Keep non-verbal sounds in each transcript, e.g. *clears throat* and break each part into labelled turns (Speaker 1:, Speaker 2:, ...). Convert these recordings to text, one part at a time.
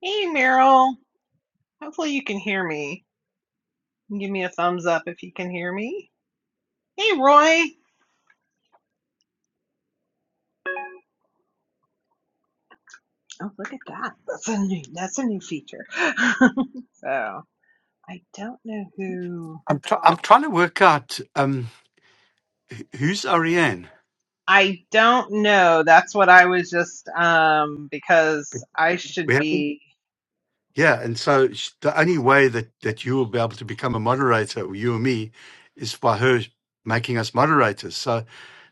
Speaker 1: Hey Meryl, hopefully you can hear me. Give me a thumbs up if you can hear me. Hey Roy. Oh, look at that. That's a new that's a new feature. *laughs* so, I don't know who
Speaker 2: I'm try I'm trying to work out um wh- who's Ariane.
Speaker 1: I don't know. That's what I was just um because I should
Speaker 2: We have,
Speaker 1: be
Speaker 2: yeah, and so sh- the only way that that you will be able to become a moderator, or you or me, is by her making us moderators. So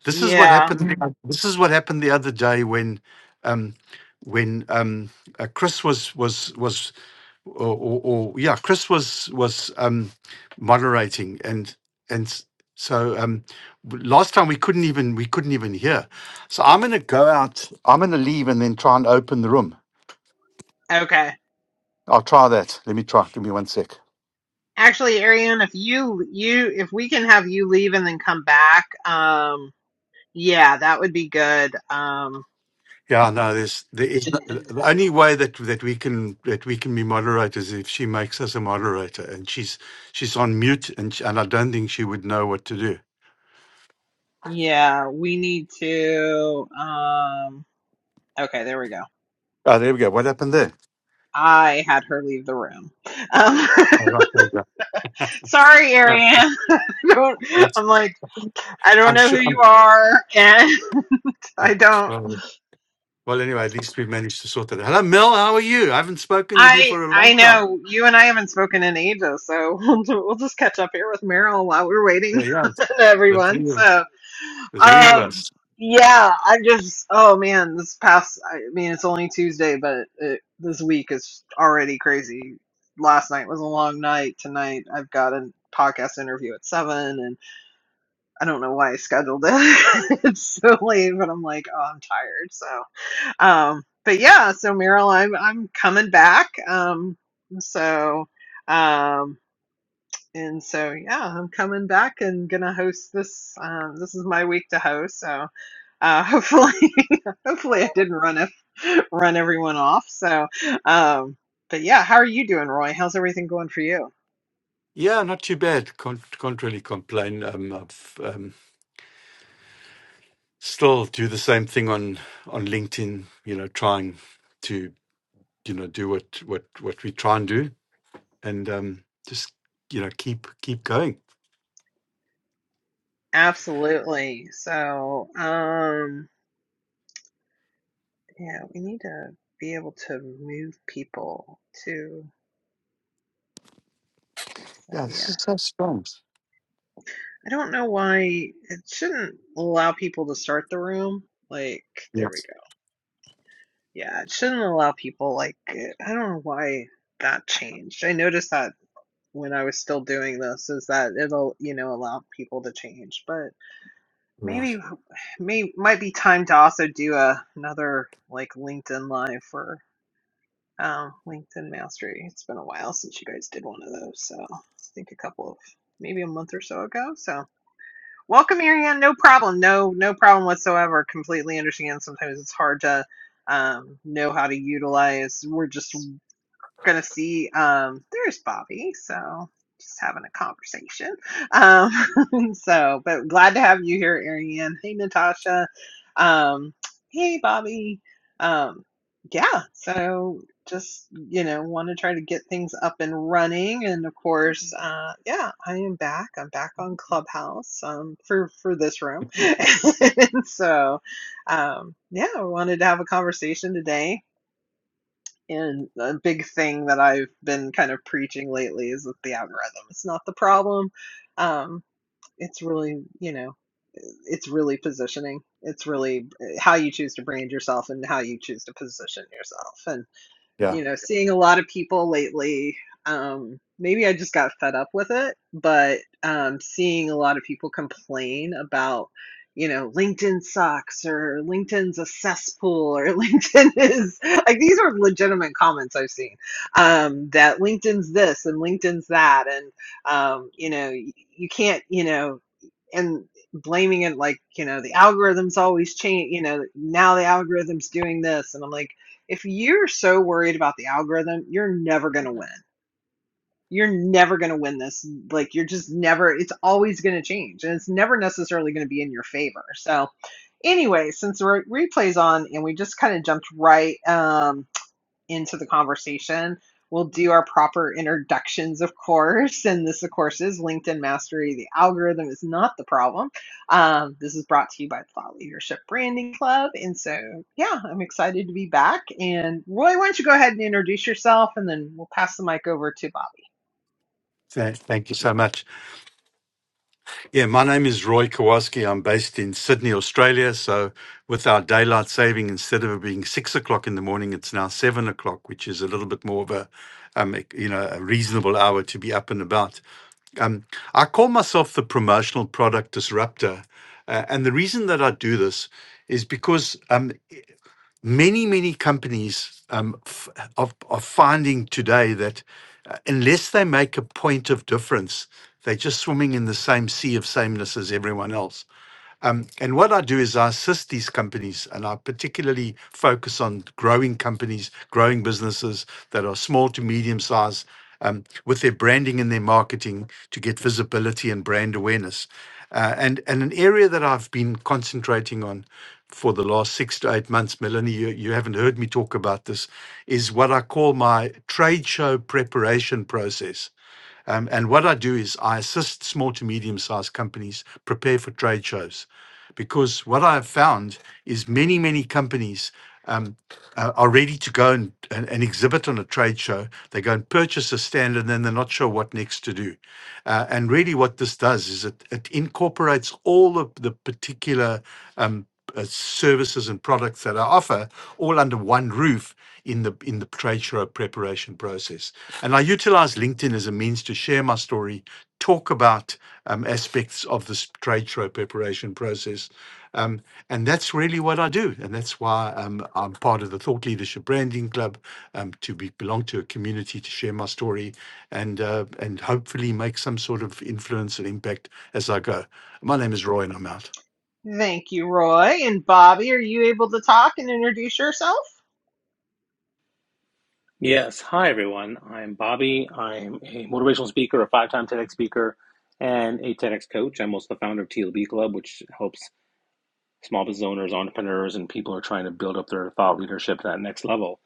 Speaker 2: this is what
Speaker 1: yeah.
Speaker 2: happened. the oth- This is what happened the other day when um when um uh, Chris was was was or, or, or yeah, Chris was was um, moderating, and and s- so um, w- last time we couldn't even we couldn't even hear. So I'm gonna go out. I'm gonna leave and then try and open the room.
Speaker 1: Okay.
Speaker 2: I'll try that. Let me try. Give me one sec.
Speaker 1: Actually, Ariane, if you you if we can have you leave and then come back, um yeah, that would be good. Um
Speaker 2: Yeah, no. There's there is no- the only way that that we can that we can be moderators if she makes us a moderator, and she's she's on mute, and sh and I don't think she would know what to do.
Speaker 1: Yeah, we need to. Um, okay, there we go.
Speaker 2: Oh, there we go. What happened there?
Speaker 1: I had her leave the room. Um,
Speaker 2: Oh, right, there we go.
Speaker 1: *laughs* sorry,
Speaker 2: Uh,
Speaker 1: Ariane. *laughs* I don't,
Speaker 2: that's-
Speaker 1: I'm like, I don't
Speaker 2: I'm
Speaker 1: know who
Speaker 2: sure.
Speaker 1: you
Speaker 2: I'm,
Speaker 1: are, and *laughs* I don't.
Speaker 2: yeah. Well, anyway, at least we've managed to sort that. out. Hello, Mel. How are you? I haven't spoken with you
Speaker 1: I
Speaker 2: for a
Speaker 1: I
Speaker 2: long time.
Speaker 1: know you and I haven't spoken in ages, so *laughs* we'll, we'll just catch up here with Meryl while we're waiting *laughs*
Speaker 2: Well, yeah,
Speaker 1: on
Speaker 2: the
Speaker 1: everyone.
Speaker 2: three of
Speaker 1: So.
Speaker 2: the three of
Speaker 1: Um,
Speaker 2: us.
Speaker 1: yeah, I just, oh man, this past, I mean, it's only Tuesday, but it, this week is already crazy. Last night was a long night. Tonight I've got a podcast interview at seven, and I don't know why I scheduled it. *laughs* it's so late, but I'm like, oh, I'm tired. So, um, but yeah, so Meryl, I'm I'm coming back. Um, so, um, and so yeah, I'm coming back and gonna host this. Um, this is my week to host. So uh, hopefully, *laughs* hopefully I didn't run it, run everyone off. So, um, but yeah, how are you doing, Roy? How's everything going for you?
Speaker 2: Yeah, not too bad. Can't, can't really complain. Um, I've um, still do the same thing on on LinkedIn. You know, trying to you know do what what what we try and do, and um, just you know keep keep going.
Speaker 1: Absolutely. So, um, yeah, we need to be able to move people too. So
Speaker 2: Yeah, this
Speaker 1: yeah,
Speaker 2: is so strong.
Speaker 1: I don't know why it shouldn't allow people to start the room. Like, there we
Speaker 2: Yes,
Speaker 1: go. Yeah, it shouldn't allow people. Like, I don't know why that changed. I noticed that when I was still doing this is that it'll, you know, allow people to change. But maybe
Speaker 2: right.
Speaker 1: may might be time to also do a another like LinkedIn live for um LinkedIn Mastery. It's been a while since you guys did one of those, so I think a couple of maybe a month or so ago. So welcome Marianne, no problem. No no problem whatsoever. Completely understand sometimes it's hard to um know how to utilize we're just gonna see um there's bobby so just having a conversation um *laughs* so but glad to have you here ariane hey natasha um hey bobby um yeah so just you know want to try to get things up and running and of course uh yeah i am back i'm back on clubhouse um for for this room *laughs* and so um yeah i wanted to have a conversation today and a big thing that I've been kind of preaching lately is with the algorithm It's not the problem. Um, it's really, you know, it's really positioning. It's really eh, how you choose to brand yourself and how you choose to position yourself. And
Speaker 2: Yeah.
Speaker 1: you know, seeing a lot of people lately. Um, maybe I just got fed up with it, but um, seeing a lot of people complain about, you know, LinkedIn sucks or LinkedIn's a cesspool or *laughs* LinkedIn is like these are legitimate comments I've seen um, that LinkedIn's this and LinkedIn's that. And, um, you know, y- you can't, you know, and blaming it like you know the algorithms always change you know now the algorithm's doing this and i'm like if you're so worried about the algorithm you're never going to win you're never going to win this like you're just never it's always going to change and it's never necessarily going to be in your favor so anyway since the re- replay's on and we just kind of jumped right um into the conversation. We'll do our proper introductions, of course. And this, of course, is LinkedIn Mastery. The algorithm is not the problem. Um, this is brought to you by Thought Leadership Branding Club. And so, yeah, I'm excited to be back. And Roy, why don't you go ahead and introduce yourself and then we'll pass the mic over to Bobby.
Speaker 2: Th- thank you so much. Yeah, my name is Roy Kowalski. I'm based in Sydney, Australia. So, with our daylight saving, instead of it being six o'clock in the morning, it's now seven o'clock, which is a little bit more of a, um, e, you know, a reasonable hour to be up and about. Um, I call myself the promotional product disruptor, uh, and the reason that I do this is because um, many many companies um, f- are, are finding today that uh, unless they make a point of difference they're just swimming in the same sea of sameness as everyone else um, and what I do is I assist these companies, and I particularly focus on growing companies, growing businesses that are small to medium size, um, with their branding and their marketing to get visibility and brand awareness. Uh, and and an area that I've been concentrating on for the last six to eight months, Melanie, you, you haven't heard me talk about this, is what I call my trade show preparation process. Um, and what I do is I assist small to medium sized companies prepare for trade shows because what I have found is many, many companies. um, uh, are ready to go and, and, and exhibit on a trade show. They go and purchase a stand and then they're not sure what next to do. Uh, and really, what this does is it, it incorporates all of the particular um, uh, services and products that I offer all under one roof in the in the trade show preparation process. And I utilize LinkedIn as a means to share my story, talk about um, aspects of this trade show preparation process, um, and that's really what I do. And that's why um, I'm part of the Thought Leadership Branding Club um, to be, belong to a community to share my story and, uh, and hopefully make some sort of influence and impact as I go. My name is Roy and I'm out.
Speaker 1: Thank you, Roy. And Bobby, are you able to talk and introduce yourself?
Speaker 3: Yes. Hi, everyone. I'm Bobby. I'm a motivational speaker, a five time TEDx speaker, and a TEDx coach. I'm also the founder of TLB Club, which helps small business owners, entrepreneurs, and people are trying to build up their thought leadership to that next level.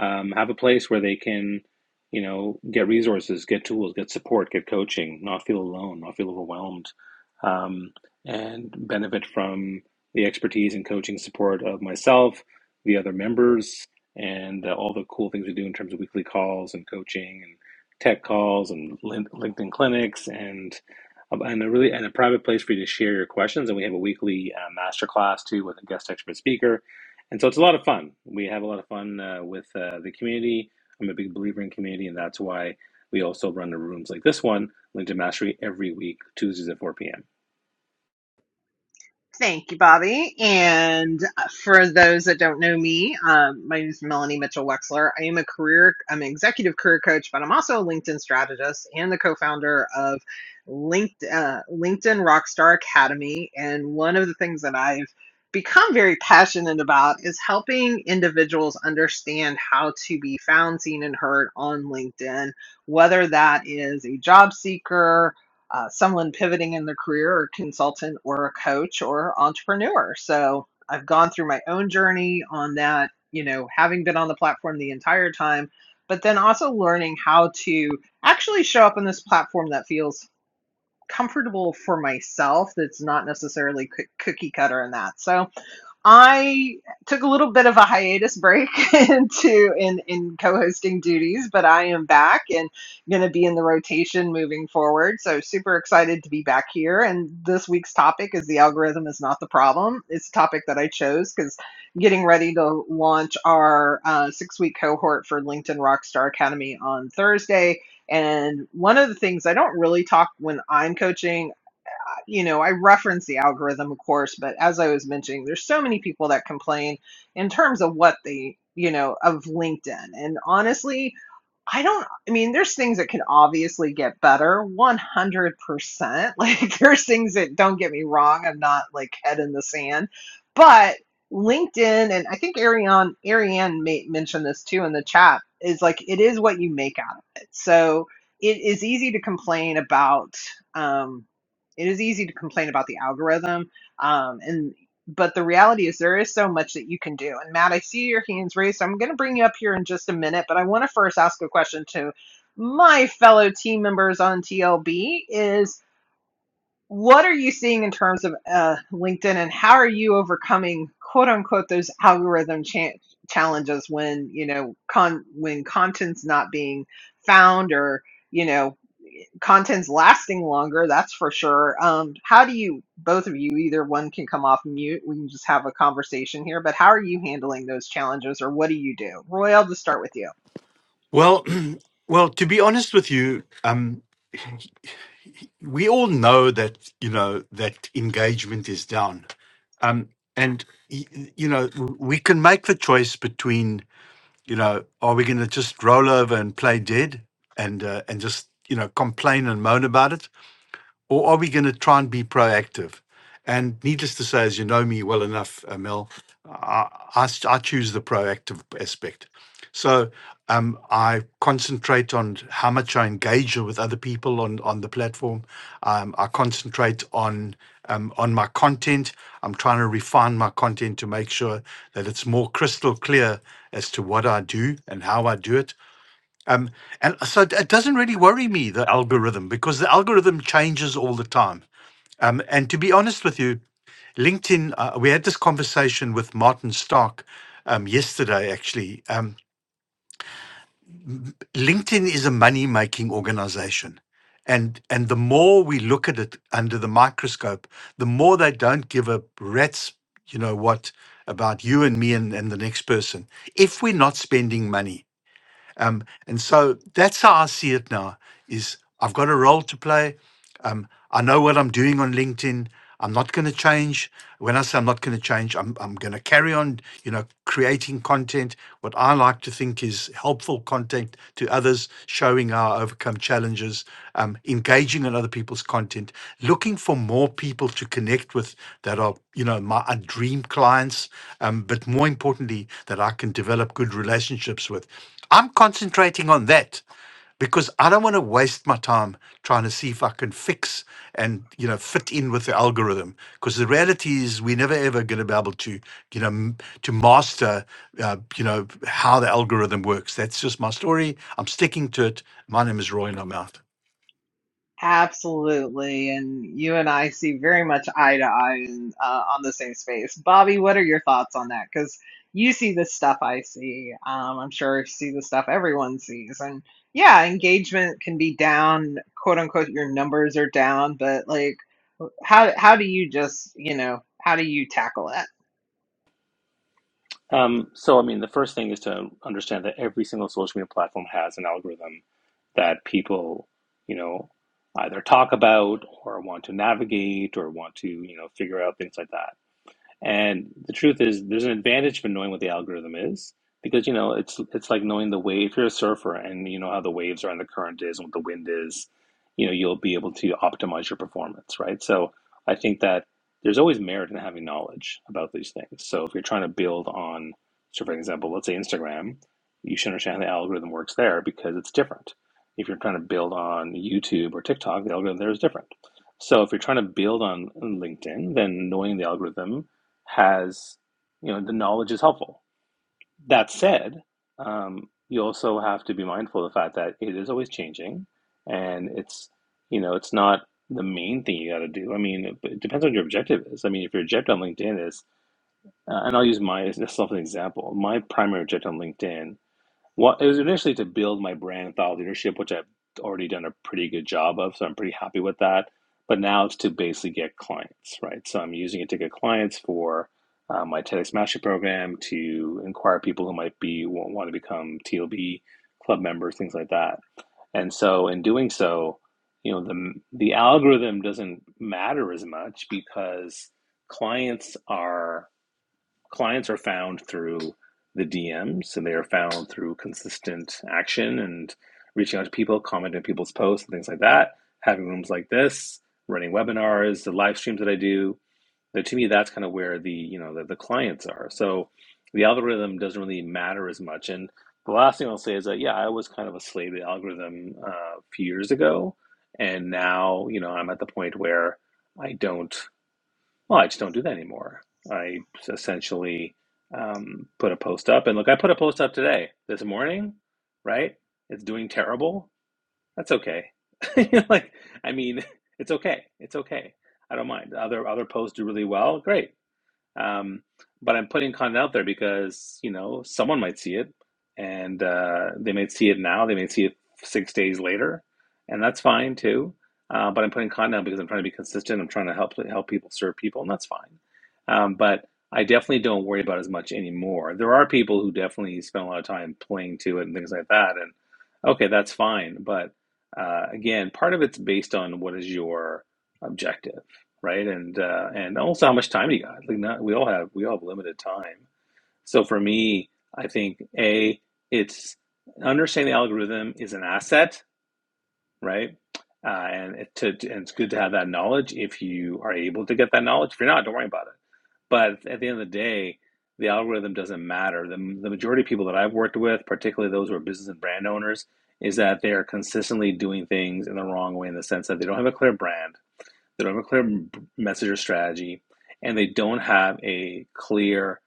Speaker 3: Um, have a place where they can, you know, get resources, get tools, get support, get coaching, not feel alone, not feel overwhelmed, um, and benefit from the expertise and coaching support of myself, the other members, and uh, all the cool things we do in terms of weekly calls and coaching and tech calls and Lin- LinkedIn clinics and um, and a really and a private place for you to share your questions. And we have a weekly uh, master too with a guest expert speaker, and so it's a lot of fun. We have a lot of fun uh, with uh, the community. I'm a big believer in community, and that's why we also run the rooms like this one, LinkedIn Mastery, every week Tuesdays at 4 p.m.
Speaker 1: Thank you, Bobby. And uh, for those that don't know me, um, my name is Melanie Mitchell Wexler. I am a career, I'm an executive career coach, but I'm also a LinkedIn strategist and the co-founder of LinkedIn, uh, LinkedIn Rockstar Academy. And one of the things that I've become very passionate about is helping individuals understand how to be found, seen, and heard on LinkedIn, whether that is a job seeker uh, someone pivoting in their career or a consultant or a coach or entrepreneur. So I've gone through my own journey on that, you know, having been on the platform the entire time, but then also learning how to actually show up on this platform that feels comfortable for myself that's not necessarily cookie cutter in that. So I took a little bit of a hiatus break *laughs* into in in co-hosting duties, but I am back and going to be in the rotation moving forward. So super excited to be back here. And this week's topic is the algorithm is not the problem. It's a topic that I chose because getting ready to launch our uh, six-week cohort for LinkedIn Rockstar Academy on Thursday. And one of the things I don't really talk when I'm coaching you know, I reference the algorithm, of course, but as I was mentioning, there's so many people that complain in terms of what they, you know, of LinkedIn. And honestly, I don't, I mean, there's things that can obviously get better 100%. *laughs* Like, there's things that don't get me wrong. I'm not like head in the sand, but LinkedIn, and I think Ariane, Ariane may, mentioned this too in the chat, is like, it is what you make out of it. So it is easy to complain about. Um, it is easy to complain about the algorithm um, and but the reality is there is so much that you can do and matt i see your hands raised so i'm going to bring you up here in just a minute but i want to first ask a question to my fellow team members on tlb is what are you seeing in terms of uh, linkedin and how are you overcoming quote unquote those algorithm cha- challenges when you know con- when content's not being found or you know content's lasting longer that's for sure um how do you both of you either one can come off mute we can just have a conversation here but how are you handling those challenges or what do you do roy i'll just start with you
Speaker 2: Well, *clears throat* well, to be honest with you, um, *clears throat* we all know that, you know, that engagement is down. Um, and, y- you know, we can make the choice between you know, are we going to just roll over and play dead and uh, and just you know complain and moan about it? or are we going to try and be proactive? And needless to say, as you know me well enough, uh, Mel, I, I s- I choose the proactive aspect. So um, I concentrate on how much I engage with other people on, on the platform. Um, I concentrate on um, on my content. I'm trying to refine my content to make sure that it's more crystal clear as to what I do and how I do it um, and so it it doesn't really worry me, the algorithm, because the algorithm changes all the time. Um, and to be honest with you, LinkedIn, uh, we had this conversation with Martin Stark um, yesterday, actually. Um, LinkedIn is a money making organization. And, and the more we look at it under the microscope, the more they don't give a rat's, you know what, about you and me and, and the next person if we're not spending money. Um, and so that's how I see it now is I've got a role to play. Um, I know what I'm doing on LinkedIn. I'm not going to change. When I say I'm not going to change, I'm, I'm going to carry on, you know, creating content. What I like to think is helpful content to others, showing how I overcome challenges, um, engaging in other people's content, looking for more people to connect with that are, you know, my uh, dream clients, um, but more importantly, that I can develop good relationships with. I'm concentrating on that because I don't want to waste my time trying to see if I can fix and you know fit in with the algorithm. Because the reality is, we're never ever going to be able to you know m- to master uh, you know how the algorithm works. That's just my story. I'm sticking to it. My name is Roy, and I'm out.
Speaker 1: Absolutely. And you and I see very much eye to eye in, uh, on the same space. Bobby, what are your thoughts on that? Because you see the stuff I see. Um, I'm sure you see the stuff everyone sees. And yeah, engagement can be down, quote unquote, your numbers are down, but like, how, how do you just, you know, how do you tackle it?
Speaker 3: Um, so, I mean, the first thing is to understand that every single social media platform has an algorithm that people, you know, either talk about or want to navigate or want to, you know, figure out things like that. And the truth is, there's an advantage for knowing what the algorithm is because you know it's it's like knowing the wave. If you're a surfer and you know how the waves are and the current is and what the wind is, you know you'll be able to optimize your performance, right? So I think that there's always merit in having knowledge about these things. So if you're trying to build on, so for example, let's say Instagram, you should understand how the algorithm works there because it's different. If you're trying to build on YouTube or TikTok, the algorithm there is different. So if you're trying to build on LinkedIn, then knowing the algorithm has, you know, the knowledge is helpful. That said, um, you also have to be mindful of the fact that it is always changing, and it's, you know, it's not the main thing you got to do. I mean, it, it depends on what your objective is. I mean, if your objective on LinkedIn is, uh, and I'll use my *laughs* myself as an example. My primary objective on LinkedIn what it was initially to build my brand and thought leadership, which I've already done a pretty good job of, so I'm pretty happy with that. But now it's to basically get clients, right? So I'm using it to get clients for uh, my TEDx Mastery Program to inquire people who might be want to become TLB club members, things like that. And so in doing so, you know, the the algorithm doesn't matter as much because clients are clients are found through the DMs and they are found through consistent action and reaching out to people, commenting on people's posts and things like that, having rooms like this, running webinars, the live streams that I do. That to me, that's kind of where the you know the, the clients are. So the algorithm doesn't really matter as much. And the last thing I'll say is that yeah, I was kind of a slave to the algorithm uh, a few years ago, and now you know I'm at the point where I don't well, I just don't do that anymore. I essentially um, put a post up, and look, I put a post up today, this morning, right? It's doing terrible. That's okay. *laughs* Like, I mean, *laughs* it's okay. It's okay. I don't mind. Other other posts do really well. Great. Um, but I'm putting content out there because you know someone might see it, and uh, they may see it now, they may see it six days later, and that's fine too. Uh, but I'm putting content out because I'm trying to be consistent. I'm trying to help help people serve people, and that's fine. Um, but I definitely don't worry about it as much anymore. There are people who definitely spend a lot of time playing to it and things like that, and okay, that's fine. But uh, again, part of it's based on what is your objective right? And uh, and also how much time do you got. Like not we all have we all have limited time. So for me, I think a it's understanding the algorithm is an asset, right? Uh, and it to and it's good to have that knowledge if you are able to get that knowledge. If you're not, don't worry about it. But at the end of the day, the algorithm doesn't matter. The, the majority of people that I've worked with, particularly those who are business and brand owners, is that they are consistently doing things in the wrong way in the sense that they don't have a clear brand they don't have a clear m- message or strategy, and they don't have a clear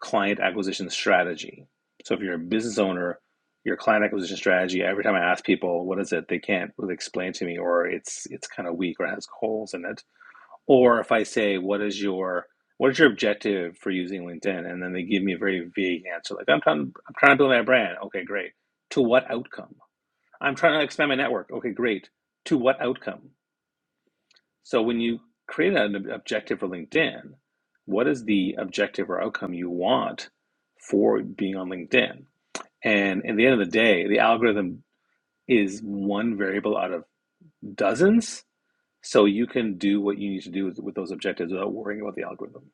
Speaker 3: client acquisition strategy. So if you're a business owner, your client acquisition strategy, every time I ask people, what is it? They can't really explain to me, or it's it's kind of weak or has holes in it. Or if I say, what is your what is your objective for using LinkedIn? And then they give me a very vague answer, like I'm trying I'm trying to build my brand. Okay, great. To what outcome? I'm trying to expand my network. Okay, great. To what outcome? So when you create an objective for LinkedIn, what is the objective or outcome you want for being on LinkedIn? And at the end of the day, the algorithm is one variable out of dozens. So you can do what you need to do with, with those objectives without worrying about the algorithm.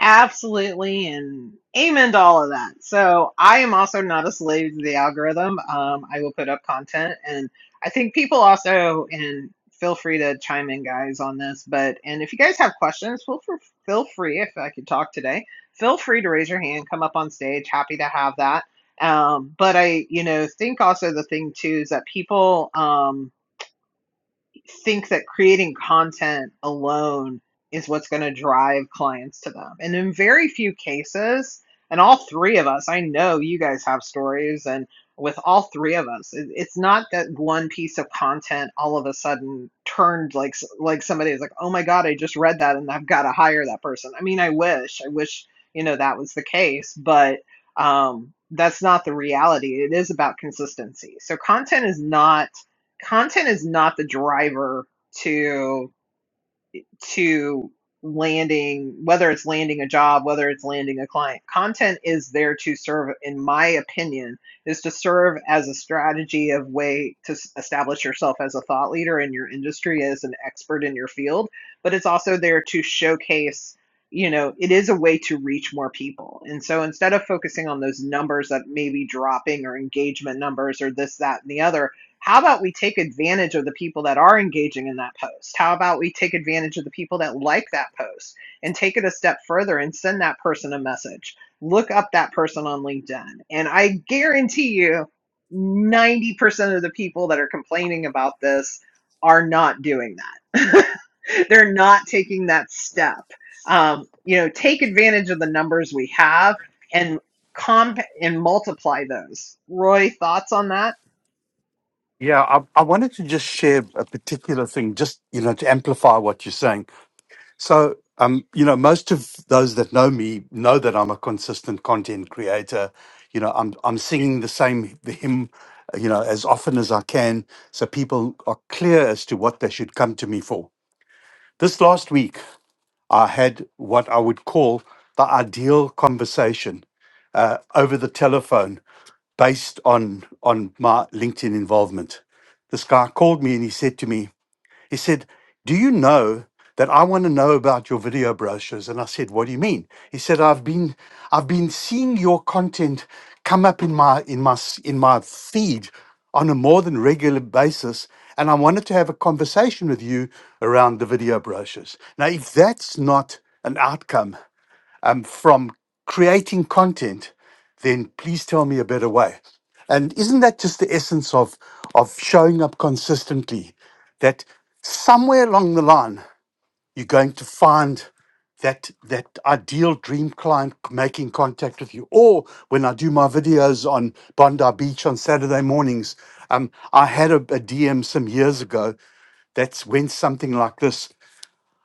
Speaker 1: Absolutely, and amen to all of that. So I am also not a slave to the algorithm. Um, I will put up content, and I think people also and feel free to chime in, guys, on this. But and if you guys have questions, feel for, feel free. If I could talk today, feel free to raise your hand, come up on stage. Happy to have that. Um, but I, you know, think also the thing too is that people. Um, think that creating content alone is what's going to drive clients to them. And in very few cases, and all three of us, I know you guys have stories, and with all three of us, it, it's not that one piece of content all of a sudden turned like like somebody is like, oh my god, I just read that, and I've got to hire that person. I mean, I wish, I wish you know that was the case, but um, that's not the reality. It is about consistency. So content is not content is not the driver to to landing whether it's landing a job whether it's landing a client content is there to serve in my opinion is to serve as a strategy of way to establish yourself as a thought leader in your industry as an expert in your field but it's also there to showcase you know it is a way to reach more people and so instead of focusing on those numbers that may be dropping or engagement numbers or this that and the other how about we take advantage of the people that are engaging in that post? How about we take advantage of the people that like that post and take it a step further and send that person a message? Look up that person on LinkedIn. And I guarantee you, 90% of the people that are complaining about this are not doing that. *laughs* They're not taking that step. Um, you know, take advantage of the numbers we have and comp and multiply those. Roy, thoughts on that?
Speaker 2: Yeah, I, I wanted to just share a particular thing, just you know, to amplify what you're saying. So, um, you know, most of those that know me know that I'm a consistent content creator. You know, I'm I'm singing the same hymn, you know, as often as I can, so people are clear as to what they should come to me for. This last week, I had what I would call the ideal conversation uh, over the telephone, based on on my LinkedIn involvement. This guy called me and he said to me, he said, Do you know that I want to know about your video brochures? And I said, What do you mean? He said, I've been I've been seeing your content come up in my in my s- in my feed on a more than regular basis. And I wanted to have a conversation with you around the video brochures. Now, if that's not an outcome um, from creating content, then please tell me a better way. And isn't that just the essence of of showing up consistently? That somewhere along the line, you're going to find that that ideal dream client making contact with you. Or when I do my videos on Bondi Beach on Saturday mornings, um, I had a, DM some years ago that's went something like this.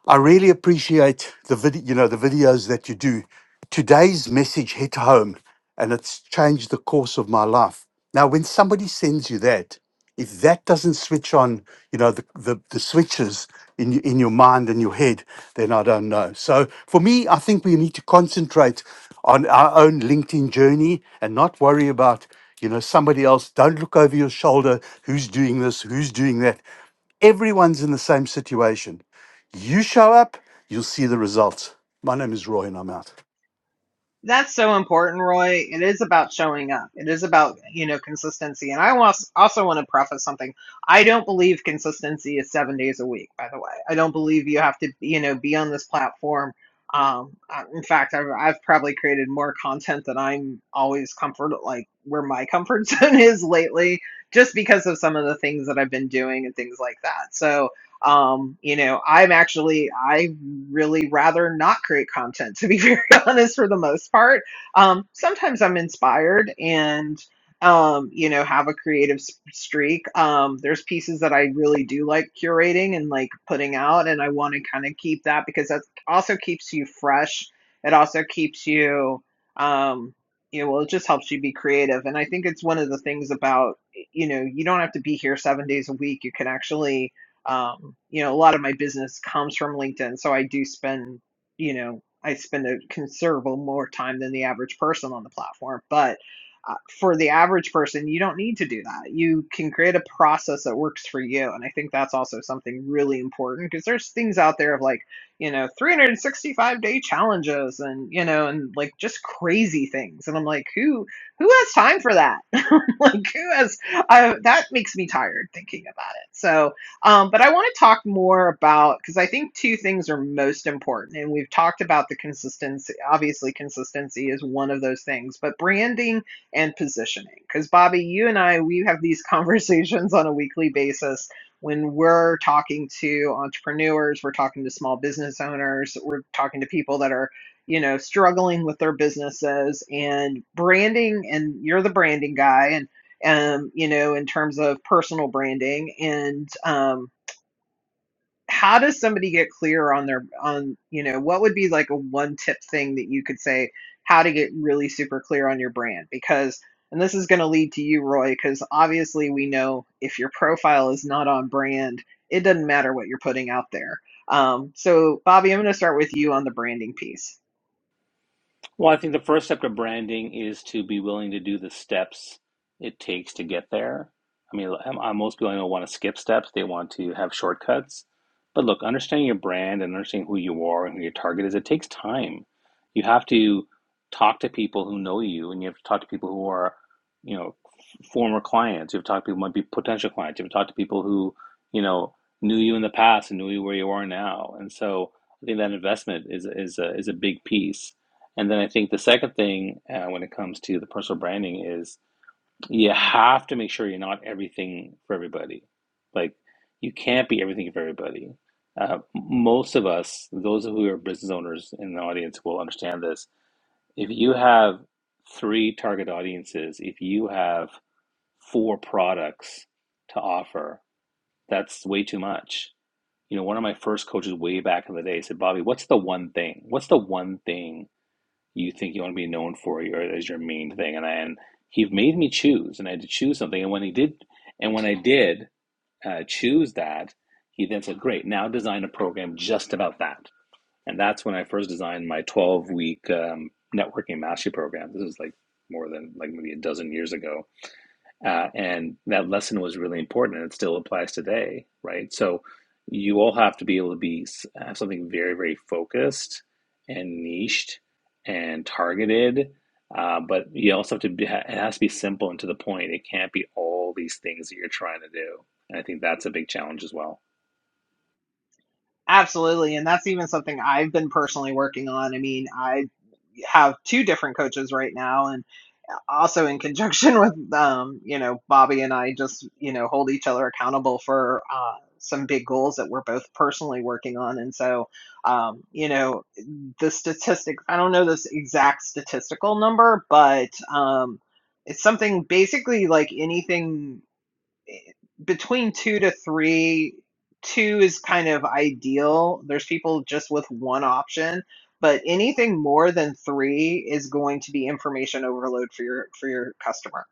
Speaker 2: I really appreciate the video, you know, the videos that you do. Today's message hit home and it's changed the course of my life. Now, when somebody sends you that, if that doesn't switch on, you know, the, the, the switches in, y- in your mind and your head, then I don't know. So for me, I think we need to concentrate on our own LinkedIn journey and not worry about, you know, somebody else. Don't look over your shoulder. Who's doing this? Who's doing that? everyone's in the same situation. You show up, you'll see the results. My name is Roy, and I'm out.
Speaker 1: That's so important, Roy. It is about showing up. It is about, you know, consistency. And I was, also want to preface something. I don't believe consistency is seven days a week, by the way. I don't believe you have to, you know, be on this platform. Um, I- in fact, I've, I've probably created more content than I'm always comfort, like where my comfort *laughs* zone is lately, just because of some of the things that I've been doing and things like that. So, um, you know, I'm actually, I really rather not create content, to be *laughs* very honest, for the most part. Um, sometimes I'm inspired and, um, you know, have a creative s- streak. Um, there's pieces that I really do like curating and like putting out, and I want to kind of keep that because that also keeps you fresh. It also keeps you, um, you know, well, it just helps you be creative. And I think it's one of the things about, you know, you don't have to be here seven days a week. You can actually, um, you know, a lot of my business comes from LinkedIn, so I do spend, you know, I spend a considerable more time than the average person on the platform. But uh, for the average person, you don't need to do that. You can create a process that works for you, and I think that's also something really important because there's things out there of like, you know, 365 day challenges, and you know, and like just crazy things, and I'm like, who who has time for that? *laughs* like, who has? I, that makes me tired thinking about it. So um, but I want to talk more about because I think two things are most important, and we've talked about the consistency. Obviously, consistency is one of those things, but branding and positioning. Because Bobby, you and I, we have these *laughs* conversations on a weekly basis when we're talking to entrepreneurs, we're talking to small business owners, we're talking to people that are you know struggling with their businesses and branding and you're the branding guy and um, you know, in terms of personal branding and um, how does somebody get clear on their on you know what would be like a one tip thing that you could say how to get really super clear on your brand because and this is going to lead to you roy because obviously we know if your profile is not on brand it doesn't matter what you're putting out there um, so bobby i'm going to start with you on the branding piece
Speaker 3: Well, I think the first step to branding is to be willing to do the steps it takes to get there. I mean, I'm, I'm- most people don't want to skip steps, they want to have shortcuts. But look, understanding your brand and understanding who you are and who your target is, it takes time. You have to talk to people who know you, and you have to talk to people who are, you know, former clients. You have to talk to people who might be potential clients. You have to talk to people who, you know, knew you in the past and knew you where you are now. And so I think that investment is, is, a, is a big piece and then I think the second thing uh, when it comes to the personal branding is you have to make sure you're not everything for everybody. Like you can't be everything for everybody. Uh, most of us, those who are business owners in the audience, will understand this. If you have three target audiences, if you have four products to offer, that's way too much. You know, one of my first coaches way back in the day said, Bobby, what's the one thing? What's the one thing you think you want to be known for your as your main thing and I, and he made me choose and I had to choose something and when he did and when I did uh, choose that he then said great now design a program just about that and that's when I first designed my 12 week um, networking mastery program this is like more than like maybe a dozen years ago uh, and that lesson was really important and it still applies today, right? So you all have to be able to be have something very, very focused and niched and targeted. Uh, but you also have to be, it has to be simple and to the point. It can't be all these things that you're trying to do. And I think that's a big challenge as well.
Speaker 1: Absolutely. And that's even something I've been personally working on. I mean, I have two different coaches right now and also in conjunction *laughs* with um, you know, Bobby and I just, you know, hold each other accountable for uh some big goals that we're both personally working on. And so, um, you know, the statistic, I don't know this exact statistical number, but um it's something basically like anything between two to three, two is kind of ideal. There's people just with one option, but anything more than three is going to be information overload for your for your customer.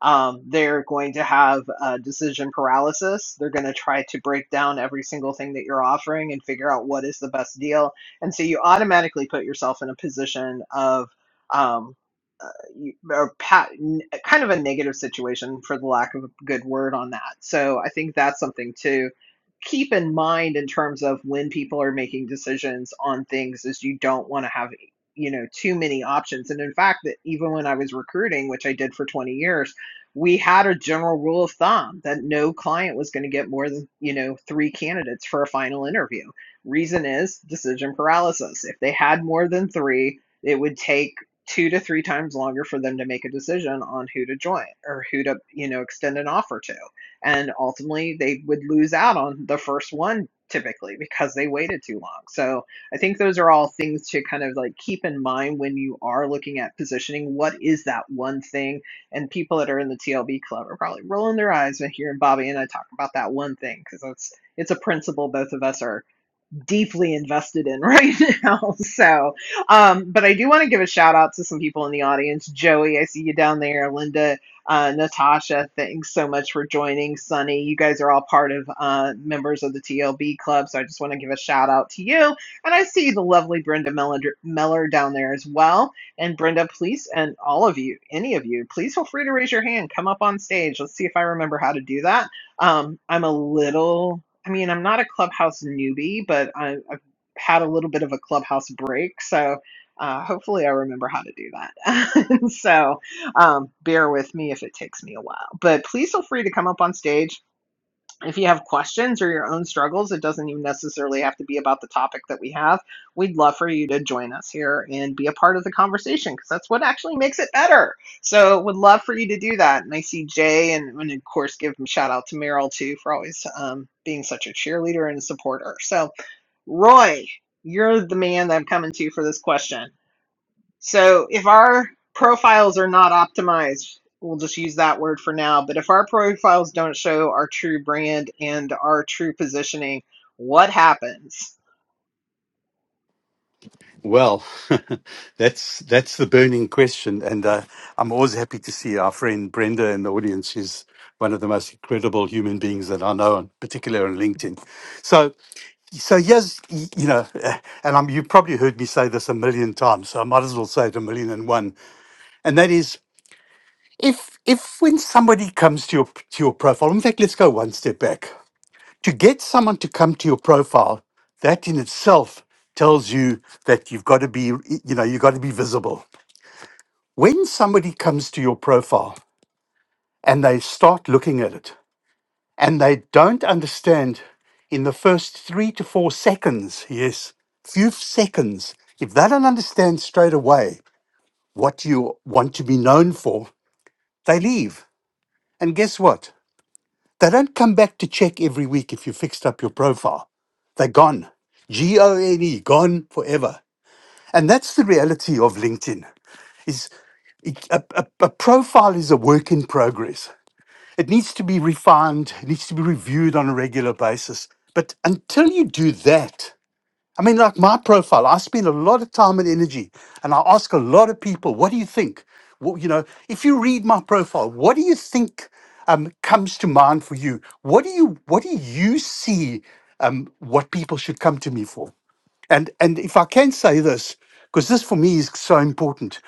Speaker 1: Um, they're going to have uh, decision paralysis. They're going to try to break down every single thing that you're offering and figure out what is the best deal. And so you automatically put yourself in a position of um, uh, you- or pa- n- kind of a negative situation for the lack of a good word on that. So I think that's something to keep in mind in terms of when people are making decisions on things is you don't want to have you know too many options and in fact that even when I was recruiting which I did for 20 years we had a general rule of thumb that no client was going to get more than you know three candidates for a final interview reason is decision paralysis if they had more than three it would take two to three times longer for them to make a decision on who to join or who to you know extend an offer to and ultimately they would lose out on the first one typically because they waited too long so i think those are all things to kind of like keep in mind when you are looking at positioning what is that one thing and people that are in the TLB club are probably rolling their eyes when hearing Bobby and I talk about that one thing because it's it's a principle both of us are deeply invested in right *laughs* now. So, um, but I do want to give a shout out to some people in the audience. Joey, I see you down there. Linda, uh, Natasha, thanks so much for joining. Sunny, you guys are all part of uh, members of the TLB club. So I just want to give a shout out to you. And I see the lovely Brenda Meller, Meller down there as well. And Brenda, please, and all of you, any of you, please feel free to raise your hand. Come up on stage. Let's see if I remember how to do that. Um, I'm a little I mean, I'm not a clubhouse newbie, but I, I've had a little bit of a clubhouse break. So uh, hopefully I remember how to do that. *laughs* so um, bear with me if it takes me a while. But please feel free to come up on stage if you have questions or your own struggles, it doesn't even necessarily have to be about the topic that we have. We'd love for you to join us here and be a part of the conversation because that's what actually makes it better. So, would love for you to do that. And I see Jay, and, and of course, give a shout out to Meryl too for always um, being such a cheerleader and a supporter. So, Roy, you're the man that I'm coming to for this question. So if our profiles are not optimized, we'll just use that word for now. But if our profiles don't show our true brand and our true positioning, what happens?
Speaker 2: Well, *laughs* that's that's the burning question, and uh, I'm always happy to see our friend Brenda in the audience. She's one of the most incredible human beings that I know, and particularly on LinkedIn. So, so yes, y- you know, eh, and I'm, you probably heard me say this a million times, so I might as well say it a million and one. And that is, if if when somebody comes to your to your profile, in fact, let's go one step back. to get someone to come to your profile, that in itself tells you that you've got to be, you know, you've got to be visible. When somebody comes to your profile and they start looking at it and they don't understand in the first three to four seconds, yes, few seconds, if they don't understand straight away what you want to be known for, they leave. And guess what? They don't come back to check every week if you fixed up your profile. They're gone. G O N E, gone forever. And that's the reality of LinkedIn. Is it- a, a, a profile is a work in progress. It needs to be refined, it needs to be reviewed on a regular basis. But until you do that, I mean, like my profile, I spend a lot of time and energy, and I ask a lot of people, "What do you think?" Well, you know, if you read my profile, what do you think um, comes to mind for you? What do you What do you see? Um, what people should come to me for? And and if I can say this, because this for me is so important,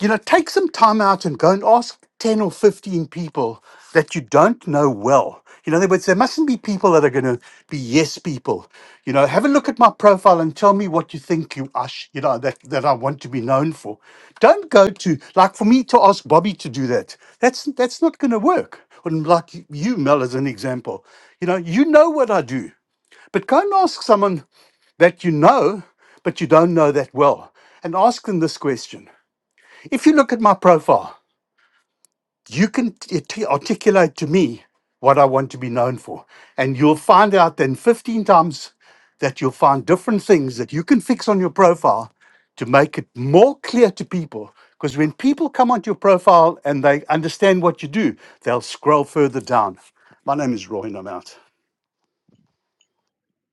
Speaker 2: you know, take some time out and go and ask 10 or 15 people that you don't know well. You know, in other words, there mustn't be people that are going to be yes people. You know, have a look at my profile and tell me what you think you ush, you know, that, that I want to be known for. Don't go to, like for me to ask Bobby to do that, that's, that's not going to work. And like you, Mel, as an example, you know, you know what I do, but go and ask someone that you know, but you don't know that well, and ask them this question if you look at my profile, you can t- articulate to me what I want to be known for. And you'll find out then 15 times that you'll find different things that you can fix on your profile to make it more clear to people. Because when people come onto your profile and they understand what you do, they'll scroll further down. My name is Roy, and I'm out.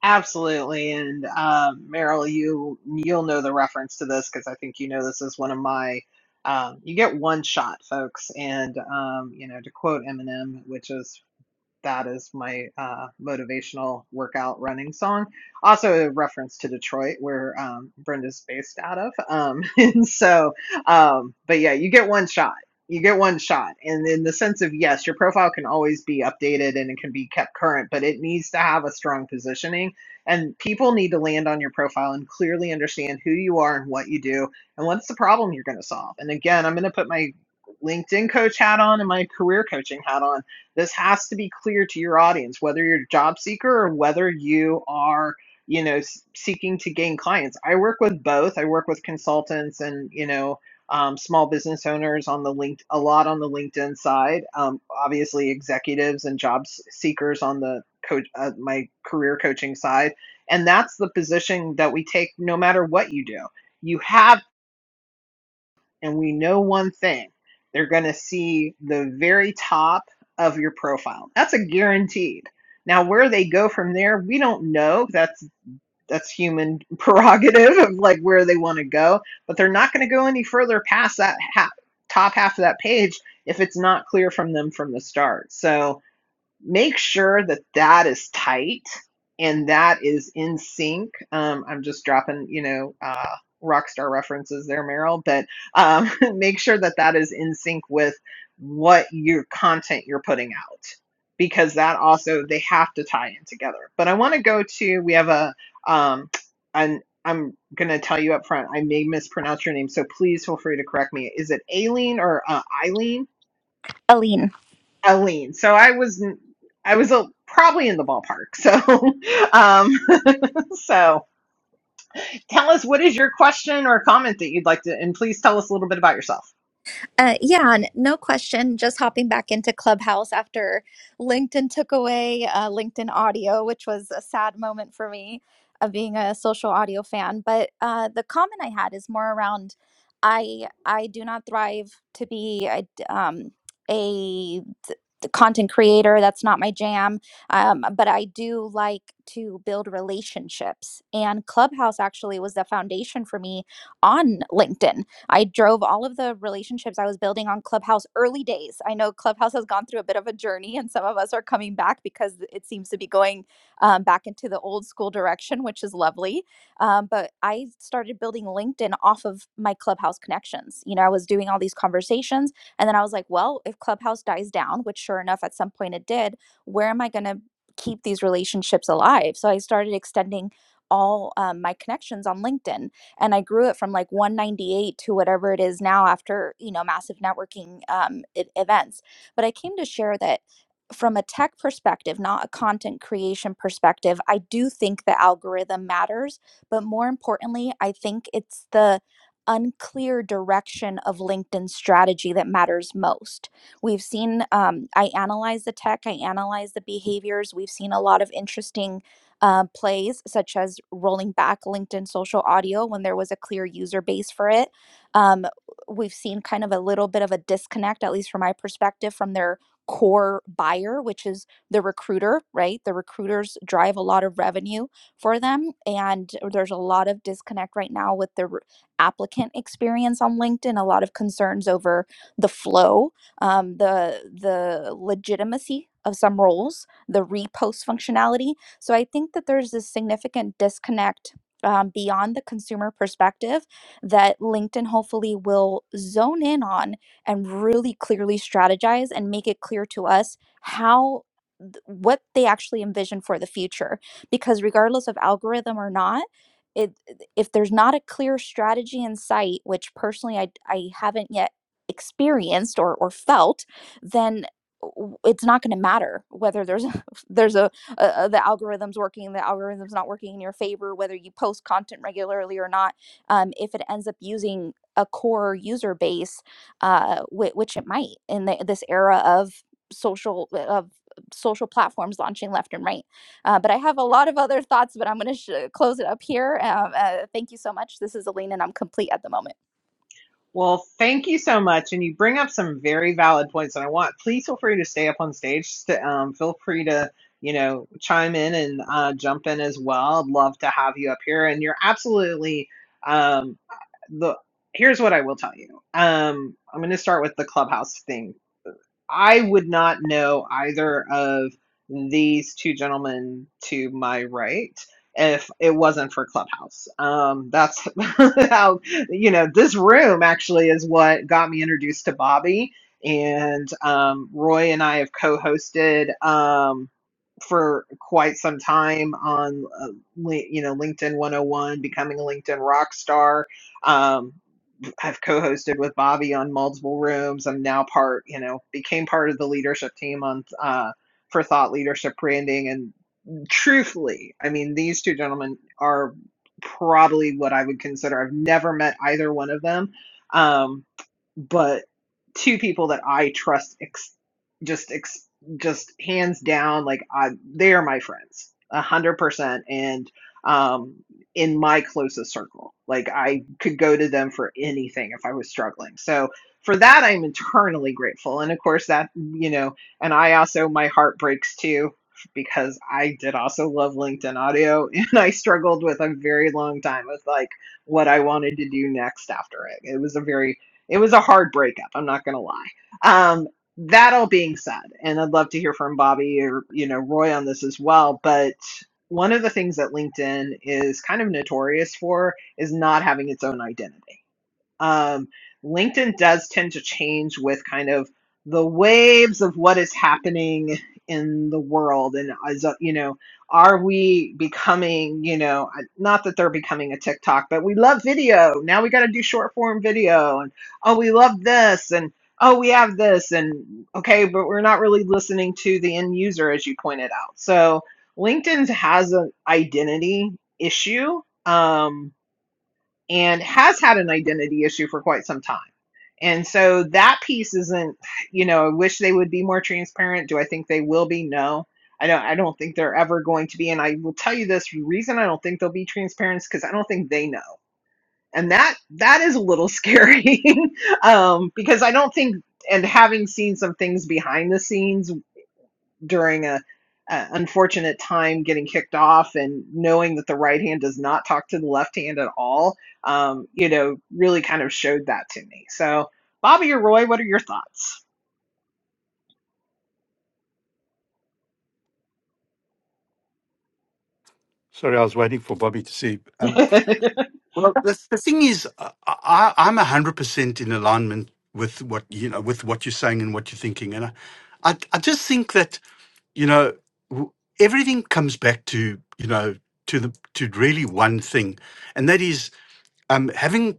Speaker 1: Absolutely. And um, Meryl, you you'll know the reference to this because I think you know this is one of my. Um, you get one shot, folks, and um, you know to quote Eminem, which is that is my uh, motivational workout running song. Also, a reference to Detroit, where um, Brenda's based out of. Um, *laughs* and so, um, but yeah, you get one shot. You get one shot. And in the sense of, yes, your profile can always be updated and it can be kept current, but it needs to have a strong positioning. And people need to land on your profile and clearly understand who you are and what you do and what's the problem you're going to solve. And again, I'm going to put my LinkedIn coach hat on and my career coaching hat on this has to be clear to your audience, whether you're a job seeker or whether you are, you know, s- seeking to gain clients. I work with both. I work with consultants and, you know, um, small business owners on the linked a lot on the LinkedIn side. Um, obviously, executives and job s- seekers on the coach uh, my career coaching side, and that's the position that we take no matter what you do. You have and we know one thing they're going to see the very top of your profile. That's a guaranteed. Now, where they go from there, we don't know. That's that's human *laughs* prerogative of like where they want to go, but they're not going to go any further past that ha- top half of that page if it's not clear from them from the start. So, make sure that that is tight and that is in sync. Um, I'm just dropping, you know, uh, rock star references there, Meryl, but um, *laughs* make sure that that is in sync with what your content you're putting out because that also they have to tie in together. But I want to go to we have a um, an I'm gonna tell you up front I may mispronounce your name, so please feel free to correct me. Is it Aileen or uh, Eileen?
Speaker 4: Aline.
Speaker 1: Eileen. So I was I was a, probably in the ballpark. So *laughs* um so tell us what is your question or comment that you'd like to and please tell us a little bit about yourself.
Speaker 4: Uh, yeah, n- no question. Just hopping back into Clubhouse after LinkedIn took away uh, LinkedIn audio, which was a sad moment for me of being a social audio fan. But uh, the comment I had is more around I I do not thrive to be a, d- um, a th- content creator. That's not my jam. Um, but I do like to build relationships. And Clubhouse actually was the foundation for me on LinkedIn I drove all of the relationships I was building on Clubhouse early days. I know Clubhouse has gone through a bit of a journey, and some of us are coming back because it seems to be going um, back into the old school direction, which is lovely. Um, but I started building LinkedIn off of my Clubhouse connections. You know, I was doing all these conversations, and then I was like, well, if Clubhouse dies down, which sure enough, at some point it did, where am I going to? keep these relationships alive so i started extending all um, my connections on linkedin and I grew it from like 198 to whatever it is now after you know massive networking um, e- events. But I came to share that from a tech perspective, not a content creation perspective, I do think the algorithm matters, but more importantly, I think it's the unclear direction of LinkedIn strategy that matters most. We've seen, um, I analyze the tech, I analyze the behaviors. We've seen a lot of interesting um, plays, such as rolling back LinkedIn social audio when there was a clear user base for it. Um, we've seen kind of a little bit of a disconnect, at least from my perspective, from their core buyer, which is the recruiter, right? The recruiters drive a lot of revenue for them. And there's a lot of disconnect right now with the re- applicant experience on LinkedIn, a lot of concerns over the flow, um, the, the legitimacy of some roles, the repost functionality so I think that there's this significant disconnect um, beyond the consumer perspective that LinkedIn hopefully will zone in on and really clearly strategize and make it clear to us how th- what they actually envision for the future because regardless of algorithm or not it if there's not a clear strategy in sight which personally i, I haven't yet experienced or, or felt then w- it's not going to matter whether there's a, *laughs* there's a uh, uh, the algorithm's working, the algorithm's not working in your favor, whether you post content regularly or not. Um, if it ends up using a core user base, uh, whi- which it might in the, this era of social of social platforms launching left and right uh, but I have a lot of other thoughts, but I'm going to sh- uh, close it up here. Um, uh, thank you so much. This is Aline, and I'm complete at the moment.
Speaker 1: Well, thank you so much. And you bring up some very valid points that I want. Please feel free to stay up on stage. To, um, feel free to, you know, chime in and uh, jump in as well. I'd love to have you up here. And you're absolutely um, the. Here's what I will tell you. Um, I'm going to start with the clubhouse thing I would not know either of these two gentlemen to my right if it wasn't for Clubhouse. Um, that's *laughs* how, you know, this room actually is what got me introduced to Bobby. And um, Roy and I have co hosted um, for quite some time on, uh, Li- you know, LinkedIn 101, becoming a LinkedIn rock star. Um, I've co-hosted with Bobby on multiple rooms. I'm now part, you know, became part of the leadership team on uh, for Thought Leadership Branding, and truthfully, I mean, these two gentlemen are probably what I would consider. I've never met either one of them, um, but two people that I trust ex- just ex- just hands down. Like I, they are my friends, a hundred percent, and um, in my closest circle. Like I could go to them for anything if I was struggling. So for that, I'm eternally grateful. And of course, that you know, and I also my heart breaks too because I did also love LinkedIn audio *laughs* and I struggled with a very long time with like what I wanted to do next after it. It was a very it was a hard breakup, I'm not gonna lie. Um that all being said, and I'd love to hear from Bobby or you know Roy on this as well, but one of the things that LinkedIn is kind of notorious for is not having its own identity um, LinkedIn does tend to change with kind of the waves of what is happening in the world. And, as a- you know, are we becoming, you know, uh, not that they're becoming a TikTok, but we love video. Now we got to do short form video. And, oh, we love this. And, oh, we have this. And, okay, but we're not really listening to the end user, as you pointed out. So LinkedIn has an identity issue. Um, and has had an identity issue for quite some time. And so that piece isn't, you know, I wish they would be more transparent. Do I think they will be? No. I don't I don't think they're ever going to be. And I will tell you this the reason I don't think they'll be transparent is because I don't think they know. And that that is a little scary. *laughs* um, because I don't think and having seen some things behind the scenes during a, a unfortunate time getting kicked off and knowing that the right hand does not talk to the left hand at all, um, you know, really kind of showed that to me. So, Bobby or Roy, what are your thoughts?
Speaker 2: Sorry, I was waiting for Bobby to see. Um, Well, the, the thing is, I, I- I'm hundred percent in alignment with what you know, with what you're saying and what you're thinking, and I, I, I just think that you know, w- everything comes back to you know, to the to really one thing, and that is um, having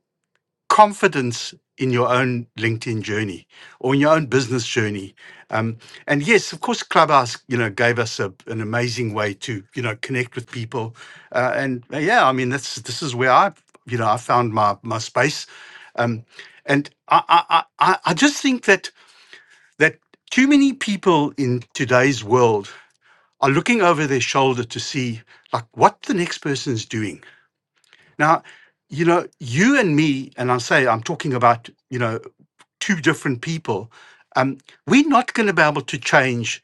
Speaker 2: confidence in your own LinkedIn journey or in your own business journey. Um, and yes, of course, Clubhouse, you know, gave us a, an amazing way to, you know, connect with people. Uh, and uh, yeah, I mean, that's this is where I, you know, I found my my space. Um, and I, I I I I just think that that too many people in today's world are looking over their shoulder to see like what the next person's doing now, you know, you and me, and I'll say I'm talking about, you know, two different people. Um, we're not going to be able to change,